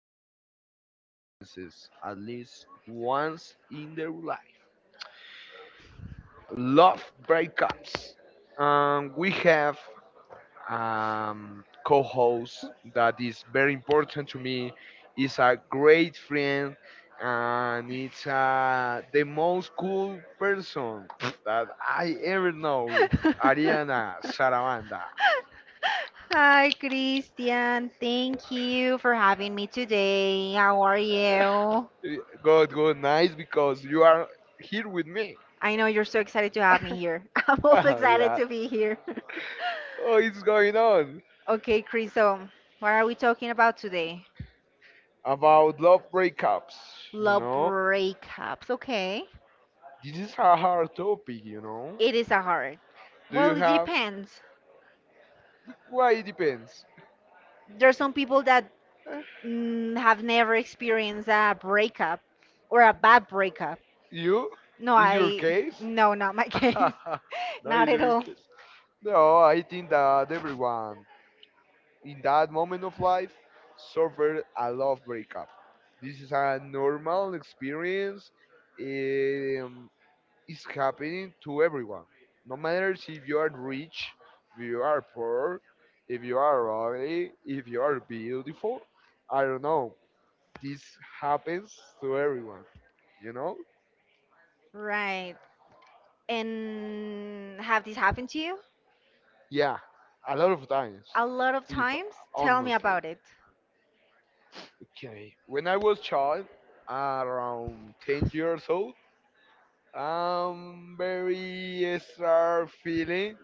everyone experiences at least once in their life, love breakups. We have co-host that is very important to me. Is a great friend, and it's the most cool person that I ever know, Ariana Saravanda. Hi, Christian. Thank you for having me today. How are you? God, go nice because you are here with me. I know you're so excited to have me here. I'm also Oh excited yeah. to be here. Oh, it's going What is... on Okay, Chris, so what are we talking about today? about love breakups. You Love know, breakups. Okay. this is a hard topic. It is a hard. Do Well, you it have? depends. Why it depends. There's some people that have never experienced a breakup or a bad breakup. You? No, Is your I, case? no, not my case. No, Not is at your all. case. No, I think that everyone in that moment of life suffered a love breakup. This is a normal experience. Um, it's happening to everyone. No matter if you are rich, if you are poor, if you are ugly, if you are beautiful. I don't know. This happens to everyone, you know? Right. And have this happened to you? Yeah, a lot of times, A lot of if times. Tell me honestly. about it. Okay, when I was child, around 10 years old, I'm very start feeling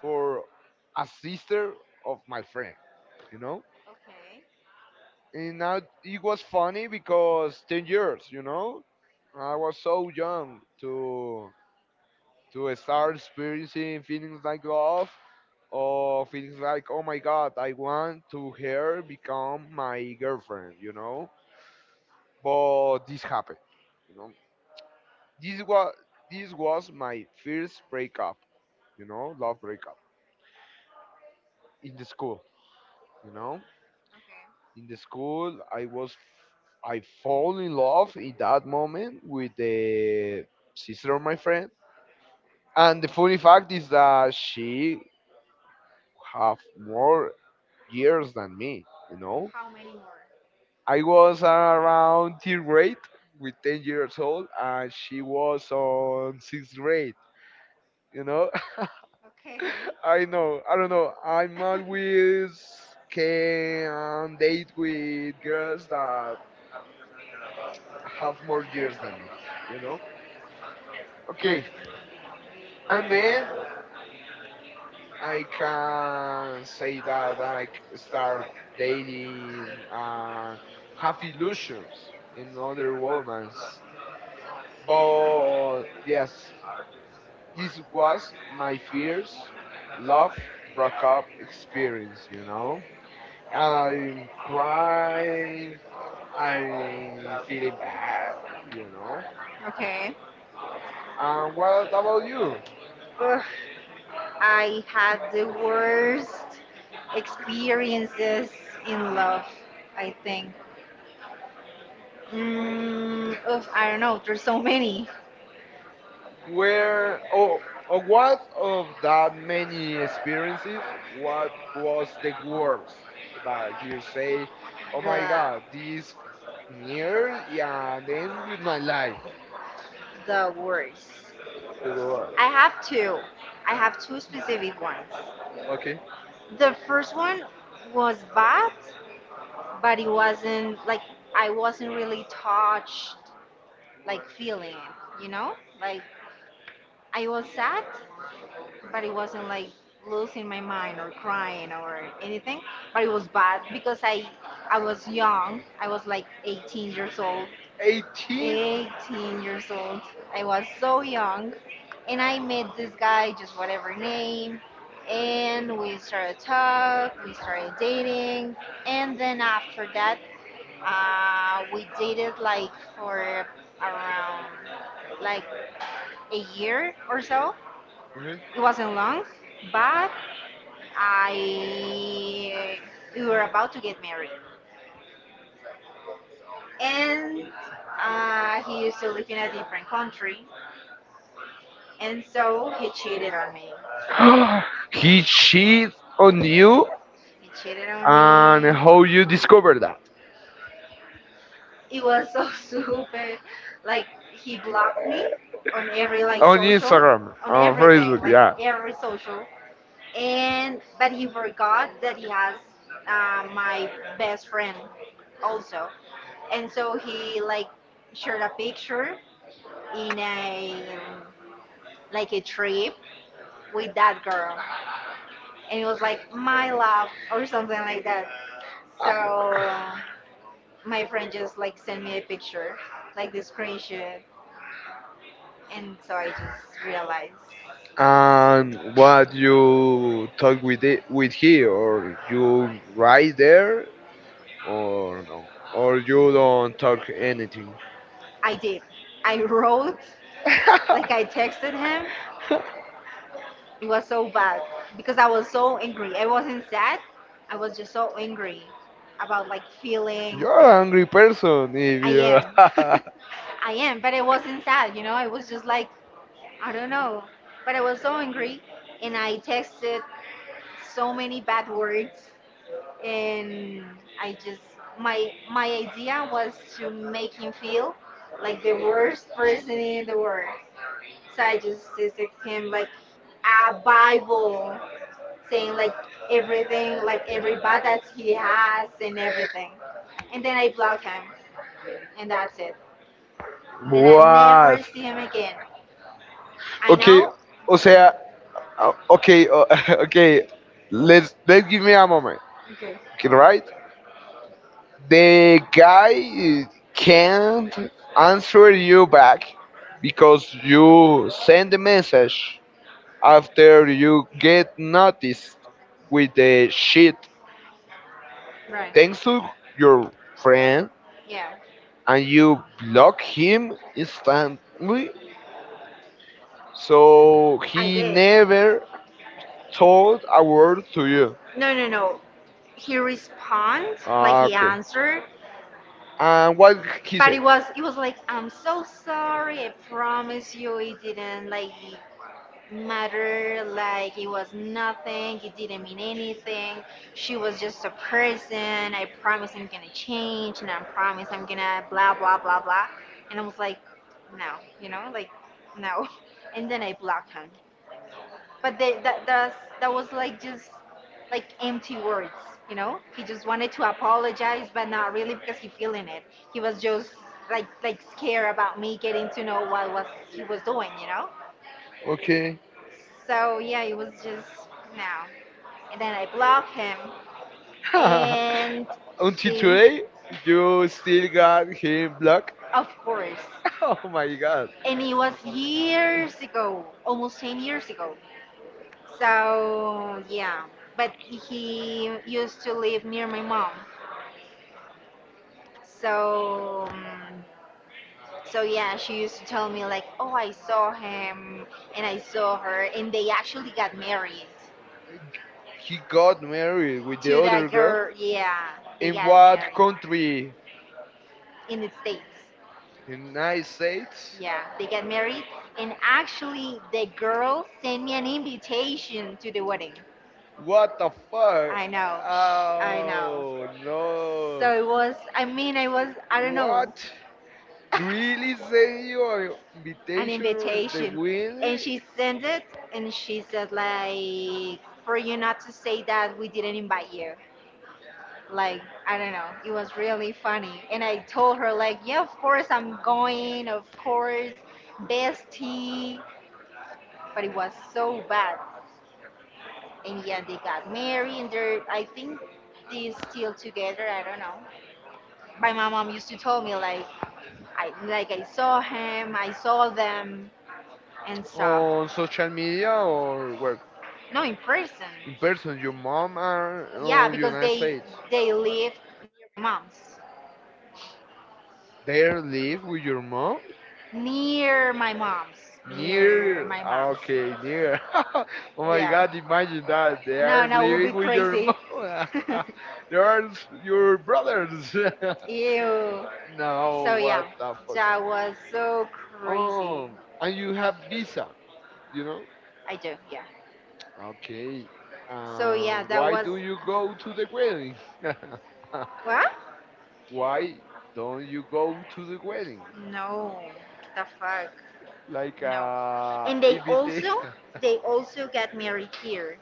for a sister of my friend, you know? Okay. And now it was funny because 10 years, you know? I was so young to start experiencing feelings like love or feels like, oh my god, I want to her become my girlfriend, you know. But this happened, you know. This was this was my first breakup, you know, love breakup in the school, you know. Okay. In the school, I fall in love in that moment with the sister of my friend, and the funny fact is that she have more years than me, you know. How many more? I was around third grade with 10 years old, and she was on sixth grade, you know? Okay. I know, I don't know. I'm always can date with girls that have more years than me, you know? Okay, and then I can say that start dating and have illusions in other women. But yes, this was my first love breakup experience, you know. I'm crying, I'm feeling bad, you know. Okay. And what about you? Ugh. I had the worst experiences in love, I think. I don't know, there's so many. Where oh, oh what of that many experiences, what was the worst? Like you say, oh The, my god, this near and end with my life, the worst. the world. I have two. I have two specific ones. Okay. The first one was bad, but it wasn't like... I wasn't really touched, like feeling, you know? Like I was sad, but it wasn't like losing my mind or crying or anything, but it was bad because I was young. I was like 18 years old. 18? 18 years old. I was so young, and I met this guy, just whatever name, and we started talk we started dating. And then after that, we dated like for around like a year or so. Okay. It wasn't long, but I... we were about to get married, and he used to live in a different country, and so he cheated on me. He cheated on you, He cheated on me. and how you discovered that? It was so stupid. Like, he blocked me on every like On social, Instagram, on on everything, Facebook, like yeah. every social, and but he forgot that he has my best friend also, and so he like shared a picture in a... like a trip with that girl, and it was like my love or something like that. So my friend just like sent me a picture, like the screenshot, and so I just realized... And what you talk with it, with he, or you right there, or no, or you don't talk anything. I did. I wrote, like I texted him. It was so bad because I was so angry. I wasn't sad. I was just so angry about like feeling... You're an angry person if I you. am. I am, but I wasn't sad, you know? I was just like, I don't know, but I was so angry, and I texted so many bad words, and I just... my my idea was to make him feel like the worst person in the world. So I just texted him like a bible, saying like everything, like every bad that he has and everything. And then I blocked him, and that's it. And I never What? see him again. I Okay, know. o sea, o- okay, o- okay. Let's give me a moment. Okay. Okay, right? The guy can't answer you back because you send the message after you get noticed with the shit. Right. Thanks to your friend, Yeah. and you block him instantly, so I he did. never told a word to you. No, no, no. He responded, like Ah, he okay. answered, And what he but it says? was... it was like, I'm so sorry. I promise you, it didn't like matter. Like, it was nothing. It didn't mean anything. She was just a person. I promise I'm gonna change, and I promise I'm gonna blah blah blah blah. And I was like, no, you know, like, no. And then I blocked him. But that was like just like empty words, you know. He just wanted to apologize, but not really, because he feeling it. He was just like... like scared about me getting to know what was... he was doing, you know. Okay. So yeah, it was just no, and then I blocked him. And Until he... today, you still got him blocked. of course. Oh my god. And it was years ago, almost 10 years ago, so yeah. But he used to live near my mom. So, so yeah, she used to tell me like, "Oh, I saw him and I saw her, and they actually got married He got married with to the that other girl. girl." Yeah, they In got... what country? in the States. United States? Yeah, they got married, and actually, the girl sent me an invitation to the wedding. What the I fuck? know, I know. Oh So no. it was... I mean, I was... I don't know. What? Really send you an An invitation or the invitation, and wedding? she sent it, and she said like, for you not to say that we didn't invite you. Like, I don't know, it was really funny, and I told her like, yeah, of course I'm going, of course, bestie. But it was so bad, and yeah, they got married, and they're... I think they're still together, I don't know. But my mom used to tell me like, I saw him, I saw them, and stuff. On social media or where? No, in person. In person, your mom Yeah, are on because United they... States. they live near my mom's, There live with your mom? near my mom's, near Near, my ah, mom's. okay, near. Oh my Yeah. God, imagine that they No, are no, it would be living with your crazy. mom. Your brothers. Ew. So No, yeah, what the fuck? that was so crazy. And you have visa, you know? I do, yeah. Okay. So yeah, that Why was... don't you go to the wedding? What? Why don't you go to the wedding? No. The fuck? Like No. And they invite also... they also got married here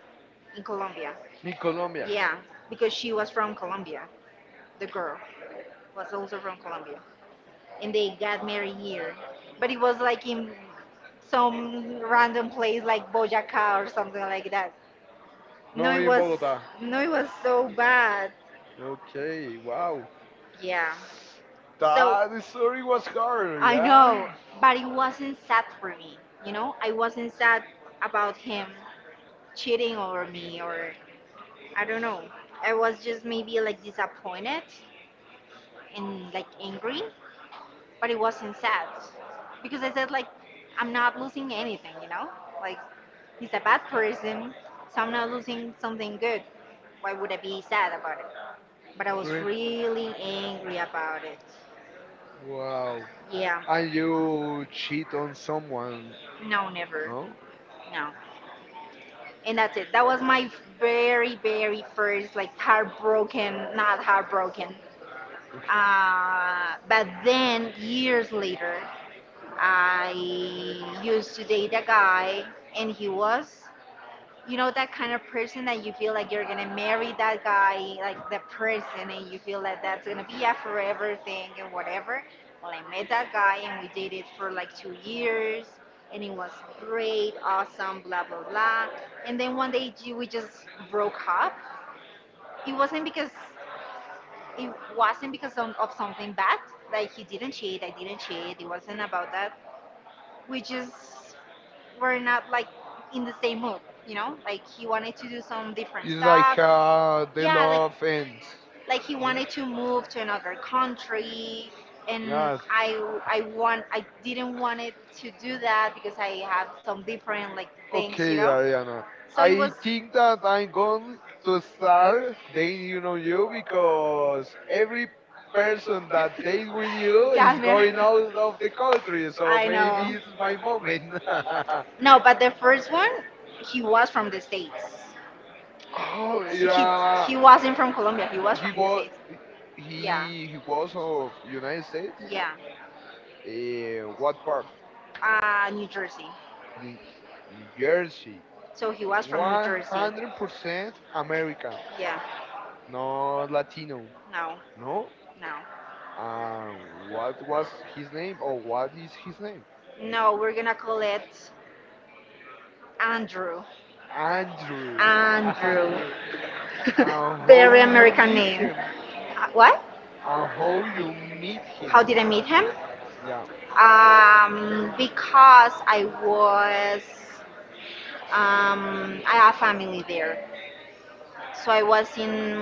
in Colombia. in Colombia. Yeah, because she was from Colombia. The girl was also from Colombia, and they got married here. But it was like in some random place like Boyacá or something like that. No, No, it in was... Bogota. no, it was so bad. Okay, wow. Yeah. So That story was hard, I know, yeah? but it wasn't sad for me. You know, I wasn't sad about him cheating over me or... I don't know. I was just maybe like disappointed and like angry, but it wasn't sad because I said like, I'm not losing anything, you know? Like, he's a bad person, so I'm not losing something good. Why would I be sad about it? But I was Okay. really angry about it. Wow. Yeah. And you cheat on someone, No, never. no? No. And that's it. That was my very, very first like heartbroken, not heartbroken... Okay. But then years later, I used to date a guy, and he was, you know, that kind of person that you feel like you're gonna marry that guy, like the person, and you feel that that's gonna be a forever thing and whatever. Well, I met that guy, and we dated for like 2 years, and it was great, awesome, blah blah blah. And then one day, we just broke up. It wasn't because... it wasn't because of something bad. Like, he didn't cheat, I didn't cheat. It wasn't about that. We just were not like in the same mood, you know. Like, he wanted to do some different stuff. uh, Yeah, like... like he wanted to move to another country, and I I want I didn't want it to do that because I have some different like things, you Okay, know. Ariana. So it I was... think that I'm going to start dating on you because every person that dates with you is Yeah, man. going out of the country, so I know. it's my moment. No, but the first one, he was from the States. Oh, He, yeah. he wasn't from Colombia. He was He from, was yeah, he he was of United States. yeah, Eh, what part? New Jersey. New New Jersey. So he was from New One Jersey. hundred percent American, Yeah, not Latino. no, No. no. What was his name? Or what is his name? No, we're gonna call it Andrew. Andrew. Andrew. Andrew. And Very how you American meet name. him? What? And how you meet How him? did I meet him? Yeah. Because I was, um, I have family there. So I was in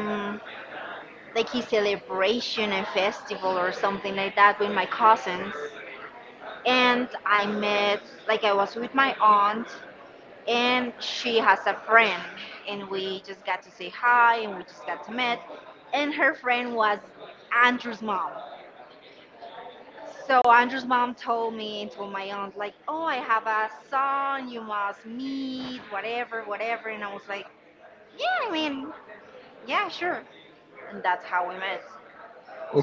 like a celebration, and festival or something like that with my cousins. And I met... like I was with my aunt and she has a friend, and we just got to say hi and we just got to meet. And her friend was Andrew's mom. So Andrew's mom told me and told my aunt like, oh, I have a son you must meet, whatever, whatever. And I was like, yeah, I mean, yeah, sure. And that's how we met.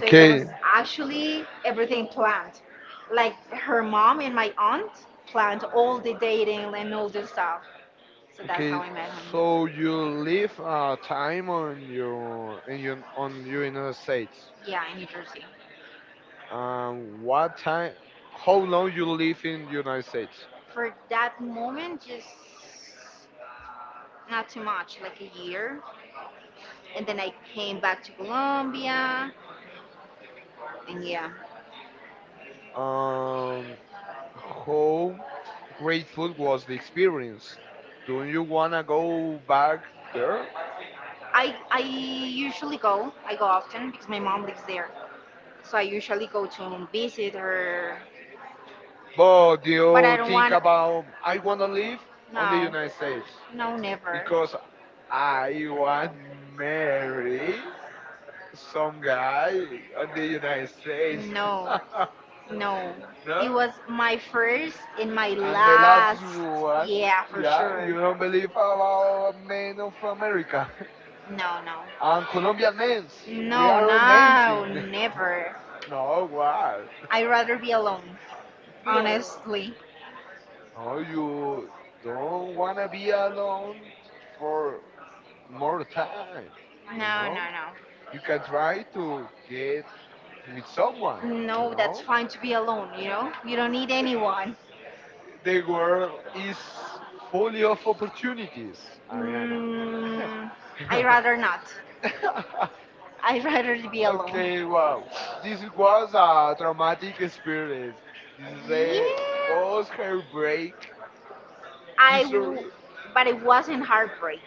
So it... Okay. was actually everything planned. Like, her mom and my aunt planned all the dating and all this stuff. So that's how Okay, I met him. so you live time on you in your on United States. Yeah, in New Jersey. What time? How long you live in United States? For that moment, just not too much, like a year. And then I came back to Colombia. And yeah, Um, how grateful was the experience? Do you wanna go back there? I go often because my mom lives there. So I usually go to visit her. But do But I you don't think want, about I wanna live on the no, United States no, never. because I want marry some guy on the United States. No, no. It No? was my first and my And the last. last one, Yeah, for yeah, you sure. don't believe about men of America No, no. and Colombian men. We No, are no, amazing. never. No, what? I'd rather be alone, No, honestly. no, you don't wanna be alone for more time. You No, no, know, you can try to get with someone. no. You No, that's know, fine to be alone, you know? You don't need anyone. the world is full of opportunities, Ariana. Mm, I'd rather not. I'd rather be alone. Okay. Okay, wow. This was a traumatic experience. This is This is a... Yeah, a boss hair break I, w-... history. but it wasn't heartbreak.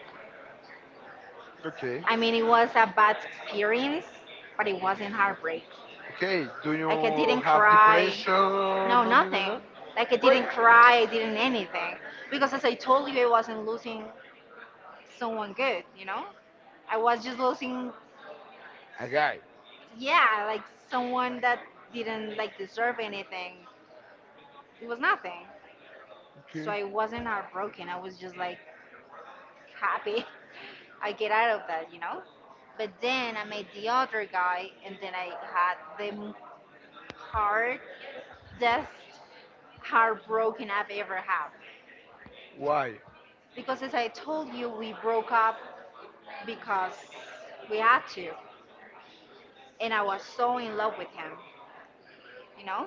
Okay. I mean, it was a bad experience, but it wasn't heartbreak. Okay, do I you didn't have cry. depression? No, No, no, no, nothing. no. Like, I didn't Wait, cry. I didn't anything because, as I told you, I wasn't losing someone good. You know, I was just losing, a guy. yeah, like someone that didn't like deserve anything. It was nothing. So Okay. I wasn't heartbroken. I was just like, happy. I get out of that, you know? But then I met the other guy, and then I had the m-... hardest heartbroken I've ever had. Why? Because as I told you, we broke up because we had to. And I was so in love with him, you know?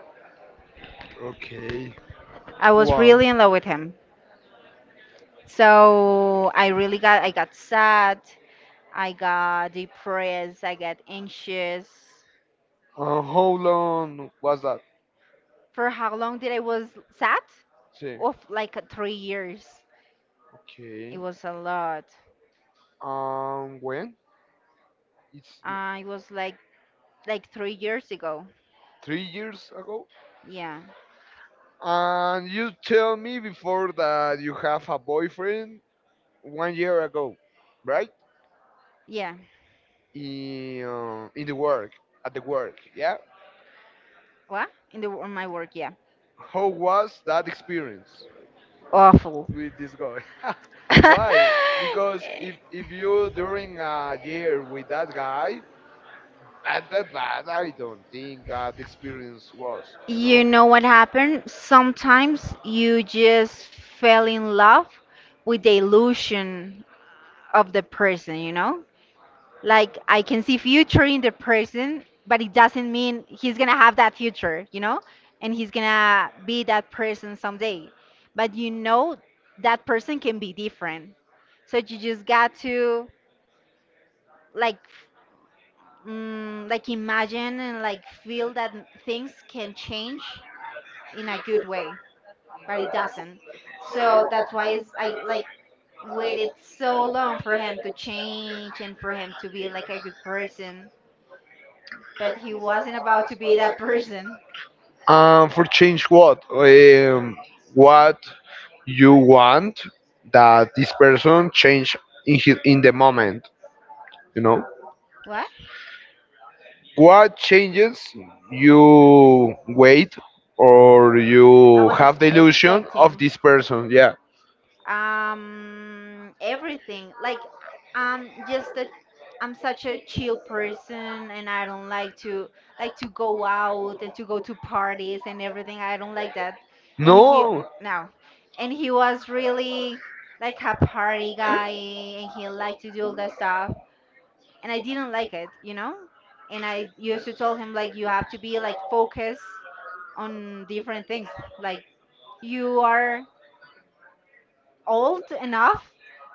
Okay. I was Wow. really in love with him. So I got sad, I got depressed, I got anxious. How long was that? For how long did I was sad? Sí. Of like 3 years. It Okay. was a lot. When? It's It was like 3 years ago. 3 years ago. Yeah, And you tell me before that you have a boyfriend 1 year ago, right? yeah. In the work, at the work, yeah. What in the... on my work? Yeah, How was that experience awful. with this guy? Why? Because if you during a year with that guy, at that bad, I don't think that experience was, you You know. know what happened? Sometimes you just fell in love with the illusion of the person, you know? Like I can see future in the person, but it doesn't mean he's gonna have that future, you know? And he's gonna be that person someday. But you know that person can be different. So you just got to like like imagine and like feel that things can change in a good way, but it doesn't. So that's why is I like waited so long for him to change and for him to be like a good person, but he wasn't about to be that person. For change what? What you want that this person change in his, in the moment, you know? What? What changes you wait or I you was have the illusion of expecting this person? Yeah. Everything. Like I'm just a I'm such a chill person and I don't like to go out and to go to parties and everything. I don't like that. And No. No. And he was really like a party guy and he liked to do all that stuff, and I didn't like it, you know? And I used to tell him like you have to be like focused on different things. Like you are old enough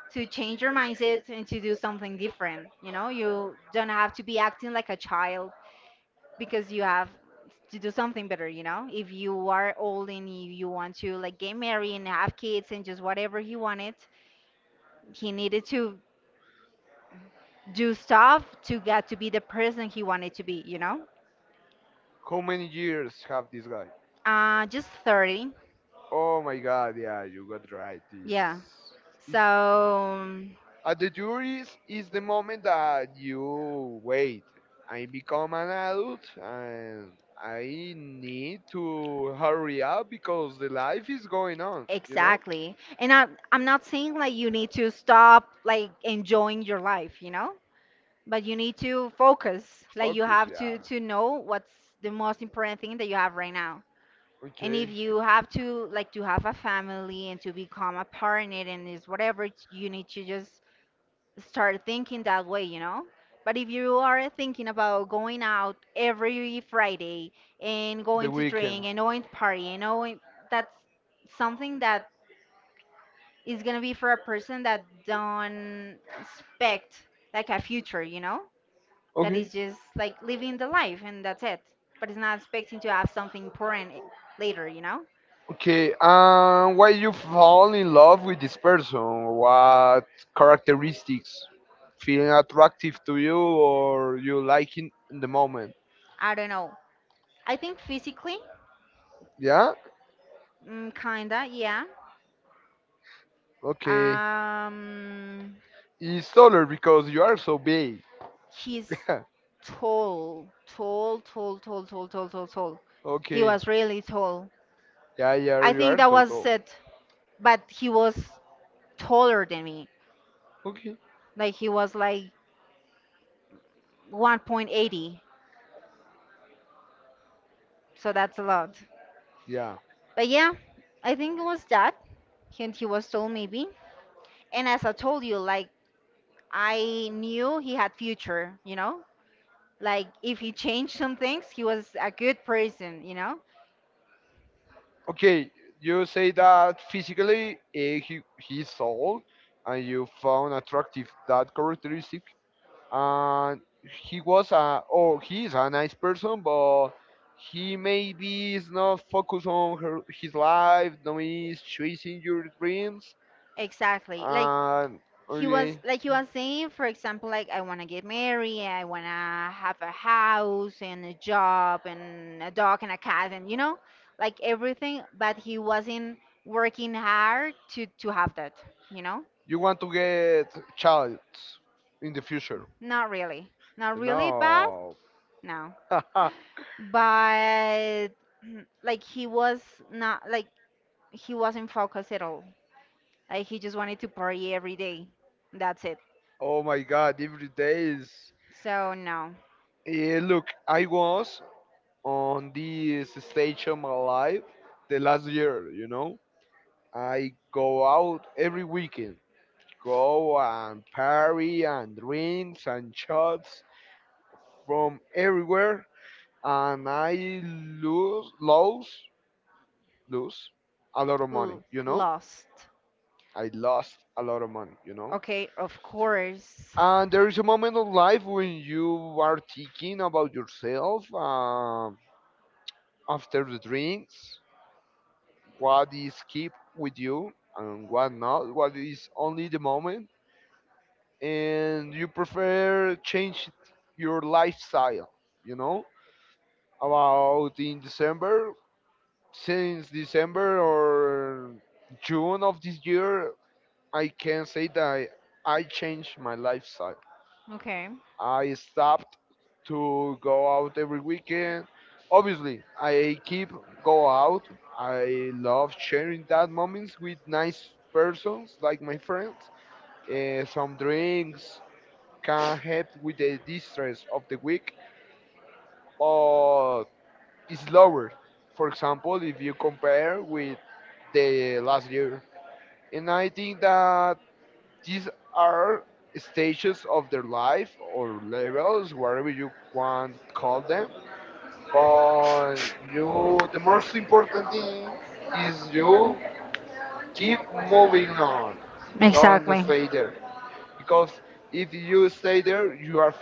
to change your mindset and to do something different, you know? You don't have to be acting like a child because you have to do something better, you know? If you are old and you want to like get married and have kids and just whatever he wanted, he needed to do stuff to get to be the person he wanted to be, you know? How many years have this guy? Just 30. Oh my god, yeah, you got right. Yeah. This is So at the juries is the moment that you wait. I become an adult and I need to hurry up because the life is going on, you know? exactly. And I'm not saying like you need to stop like enjoying your life, you know? But you need to focus. Like you Focus, have to yeah. to know what's the most important thing that you have right now. And if Okay. you have to like to have a family and to become a parent and is whatever, it's- you need to just start thinking that way, you know? But if you are thinking about going out every Friday and The going to drink weekend. and going to party you know, that's something that is gonna be for a person that don't expect like a future, you know? That is Okay. just like living the life and that's it. But it's not expecting to have something important later, you know? Okay, and why you fall in love with this person? What characteristics feeling attractive to you or you like in the moment? I don't know. I think physically, Yeah? mm, kinda, yeah. Okay. Um, It's taller because you are so big. He's tall, tall, tall, tall, tall, tall, tall, tall. He Okay. was really tall. Yeah, yeah, I you think are that so was tall. it, but he was taller than me. Okay. Like he was like 1.80, so that's a lot. Yeah. But yeah, I think it was that. And he was tall maybe. And as I told you, like I knew he had future, you know? Like if he changed some things, he was a good person, you know? Okay. You say that physically he's tall, and you found attractive that characteristic. And he was a oh, he is a nice person, but he maybe is not focused on her, his life. No, he's chasing your dreams. Exactly. Like And he was okay, like you was saying, for example, like I wanna get married, I wanna have a house and a job and a dog and a cat and you know, like everything, but he wasn't working hard to have that, you know? you want to get child in the future? Not really. Not really, but No. no. But like he was not like he wasn't focused at all. Like he just wanted to party every day. That's it. Oh my God! Every day is. So no. Eh, look, I was on this stage of my life the last year, you know. I go out every weekend, go and party and drinks and shots from everywhere, and I lose a lot of money, L- you know. lost. I lost a lot of money, you know. Okay, of course. And there is a moment of life when you are thinking about yourself after the drinks what is keep with you and what not, what is only the moment, and you prefer change your lifestyle, you know, about in December, since December or June of this year, I can say that I changed my lifestyle. Okay, I stopped to go out every weekend. Obviously, I keep go out. I love sharing that moments with nice persons like my friends. Some drinks can help with the distress of the week, but it's lower. For example, if you compare with the last year, and I think that these are stages of their life or levels, whatever you want call them. But you, the most important thing is you keep moving on. Don't exactly. stay there because if you stay there, you are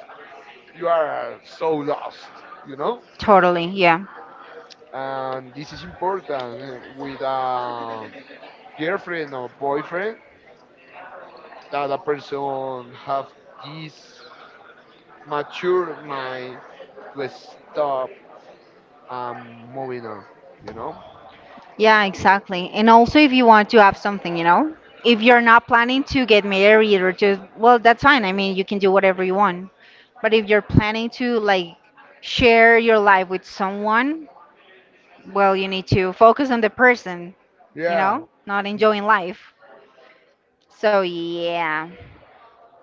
you are so lost, you know. Totally, yeah. And this is important with a girlfriend or boyfriend that a person have this mature mind to stop and moving on, you know. Yeah, exactly. And also, if you want to have something, you know, if you're not planning to get married or to, well, that's fine. I mean, you can do whatever you want. But if you're planning to, like, share your life with someone, well, you need to focus on the person, you Yeah. know, not enjoying life. So, yeah,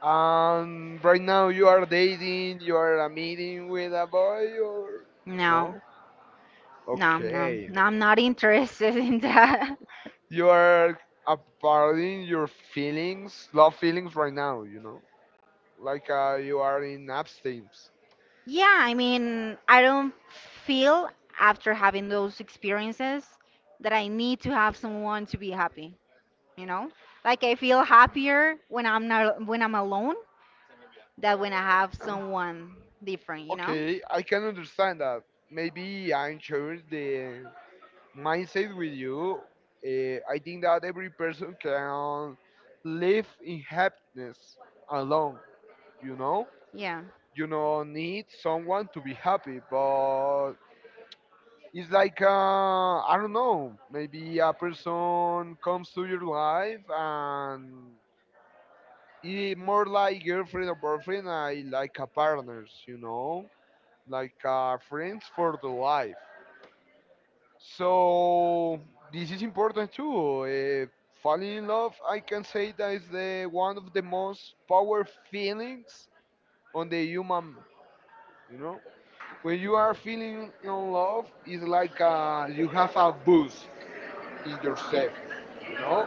Right now you are dating, you are a meeting with a boy, or no. no? No, no, Okay, no, I'm not interested in that. you are aparting your feelings, love feelings right now. You know, like you are in abstinence. Yeah, I mean, I don't feel after having those experiences that I need to have someone to be happy, you know? Like I feel happier when I'm not when I'm alone than when I have someone different, you know? Okay, I can understand that. Maybe I'm sharing the mindset with you. Eh, I think that every person can live in happiness alone, you know? Yeah. You know need someone to be happy but it's like I don't know maybe a person comes to your life and it more like girlfriend or boyfriend I like a partners you know like friends for the life so this is important too falling in love I can say that is the one of the most power feelings on the human you know. When you are feeling in love, it's like you have a boost in yourself. You know,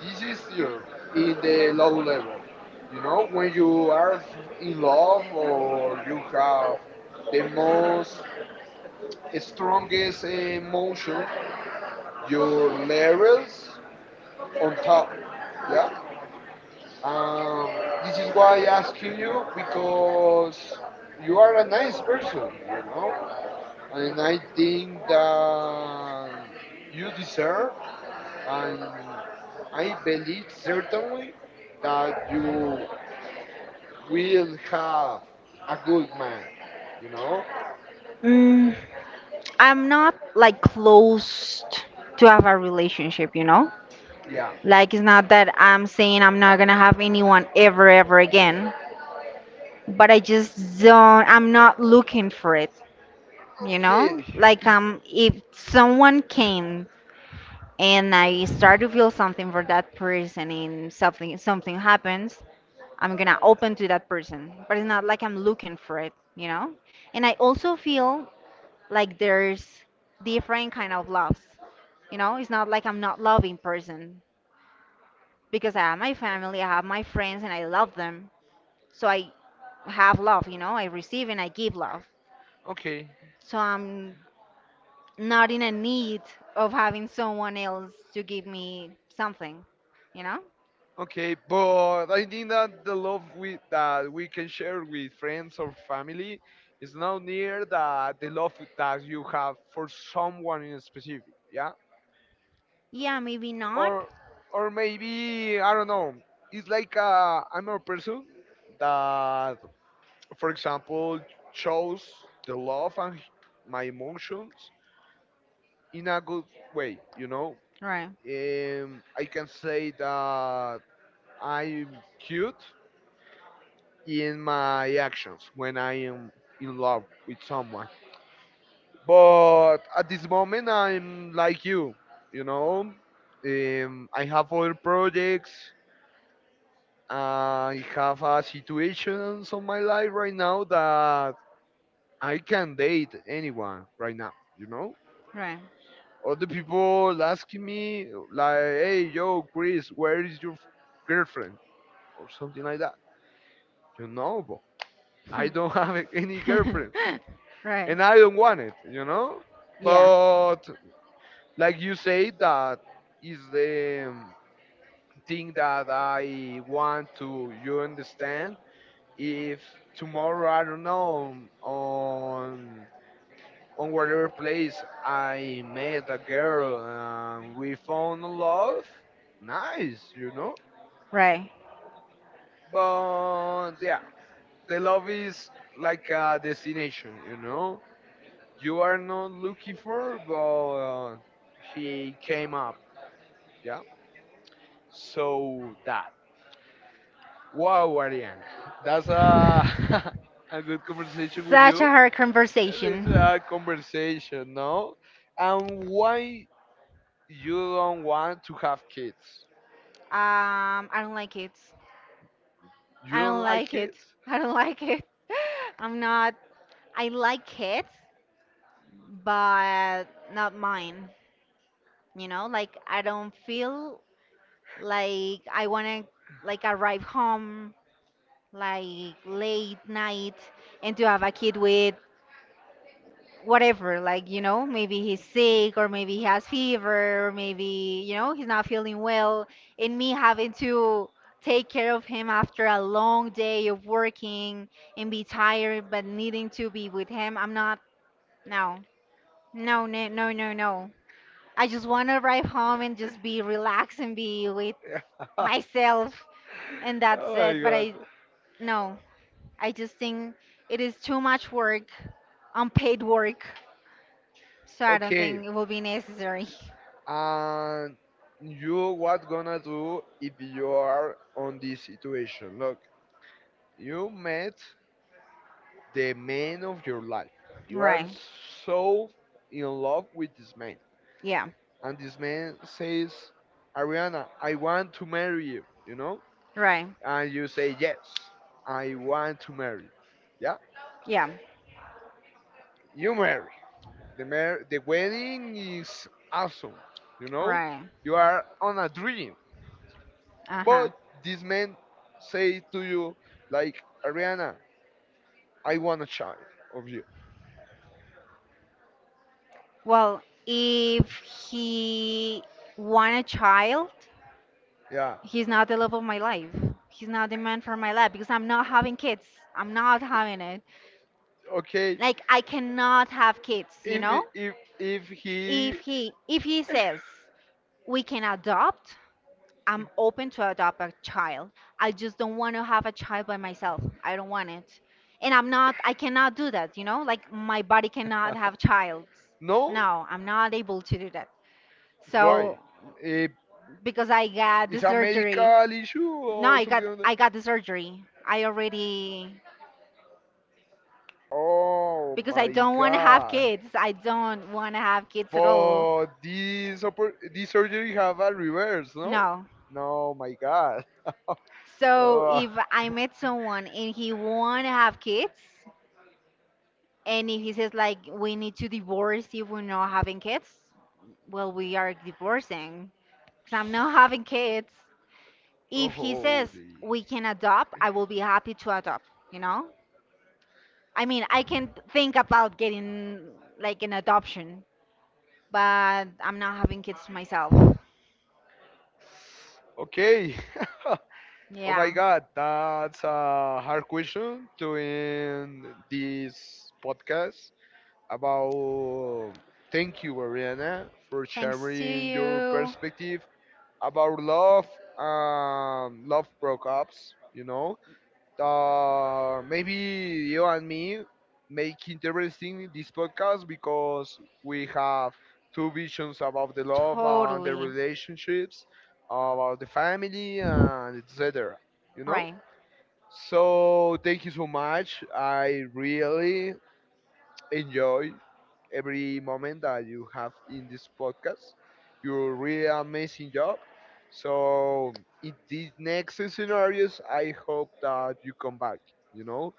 this is your in the low level. You know, when you are in love or you have the most strongest emotion, your levels on top. Yeah. This is why I asking you because you are a nice person. You know and I think that you deserve, and I believe certainly that you will have a good man. You know? Mm, I'm not like closed to have a relationship, you know? Yeah. Like, it's not that I'm saying I'm not gonna have anyone ever, ever again, but I just don't, I'm not looking for it, you know? Okay. Like, Is- if someone came and I start to feel something for that person and something happens, I'm gonna open to that person, but it's not like I'm looking for it, you know? And I also feel like there's different kind of loves, you know? It's not like I'm not loving person, because I have my family, I have my friends, and I love them. So I have love, you know, I receive and I give love. okay. So I'm not in a need of having someone else to give me something, you know? Okay. But I think that the love we that we can share with friends or family is not near that the love that you have for someone in specific. Yeah. Yeah, maybe not. or or maybe I don't know. It's like I'm a person that, for example, shows the love and my emotions in a good way. You know, Right, I can say that I'm cute in my actions when I am in love with someone. But at this moment, I'm like you. You know, I have other projects. I have a situation on my life right now that I can date anyone right now, you know? right. Other people asking me, like, hey, yo, Chris, where is your girlfriend? Or something like that. You know, but I don't have any girlfriend Right. and I don't want it, you know? Yeah, But like you say, that is the thing that I want to you understand if tomorrow I don't know on whatever place I met a girl and we found love, nice, you know. right. But yeah, the love is like a destination, you know. You are not looking for, but he came up, yeah. So that. Wow, Ariane, that's a a good conversation with Such a you. hard conversation. It's a conversation, no? And why you don't want to have kids? I don't like it. You I don't don't like like it. kids? I don't like it. I'm not. I like it, but not mine. You know, like I don't feel like I wanna like arrive home like late night and to have a kid with whatever, like, you know, maybe he's sick or maybe he has fever or maybe, you know, he's not feeling well, and me having to take care of him after a long day of working and be tired but needing to be with him. I'm not. No, no, no, no, no, no. I just want to arrive home and just be relaxed and be with Oh myself and that's it. my But god. I, no, I just think it is too much work, unpaid work. So I don't Okay, think it will be necessary. and you what gonna do if you are on this situation? Look, you met the man of your life. You are Right. so in love with this man. Yeah. And this man says, Ariana, I want to marry you, you know? Right. And you say, yes, I want to marry. You." Yeah, Yeah. you marry. The, the wedding is awesome, you know? Right. You are on a dream. Uh-huh. But this man say to you, like, Ariana, I want a child of you. Well, if he want a child, Yeah, he's not the love of my life. He's not the man for my life because I'm not having kids. I'm not having it. okay. Like I cannot have kids, you If, know? If he, If he says we can adopt, I'm open to adopt a child. I just don't want to have a child by myself. I don't want it. And I cannot do that, you know? Like, my body cannot have child. no, No, I'm not able to do that. why? So, Eh, because I got the it's a surgery. medical issue No, or something like that? I got the surgery. I already, Oh because I my don't want to have god. kids. I don't want to have kids at all. But this this surgery have a reverse, no? No. No, my god. So Ugh. if I met someone and he want to have kids, and if he says like we need to divorce if we're not having kids, well, we are divorcing because I'm not having kids. Oh, If he says holy. we can adopt, I will be happy to adopt, you know? I mean, I can think about getting like an adoption, but I'm not having kids myself. Okay. Oh my Yeah. god, that's a hard question to end this podcast. About thank you Ariana for Thanks to sharing your you. perspective about love love breakups you know maybe you and me make interesting this podcast because we have two visions about the love and the Totally. relationships about the family and etc you know Right. so thank you so much I really enjoy every moment that you have in this podcast. You're really amazing job. So in these next scenarios, I hope that you come back. You know,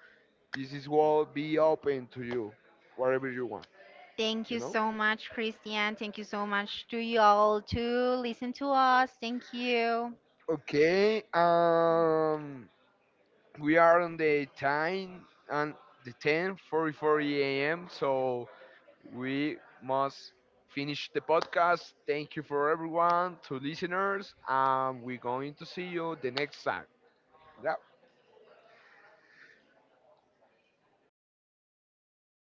this is what be open to you, whatever you want. Thank You you know. so much, Christian. Thank you so much to you all to listen to us. Thank you. Okay. We are on the time and the 10:44 a.m. So we must finish the podcast. Thank you for everyone, to listeners, and we're going to see you the next time. Yeah.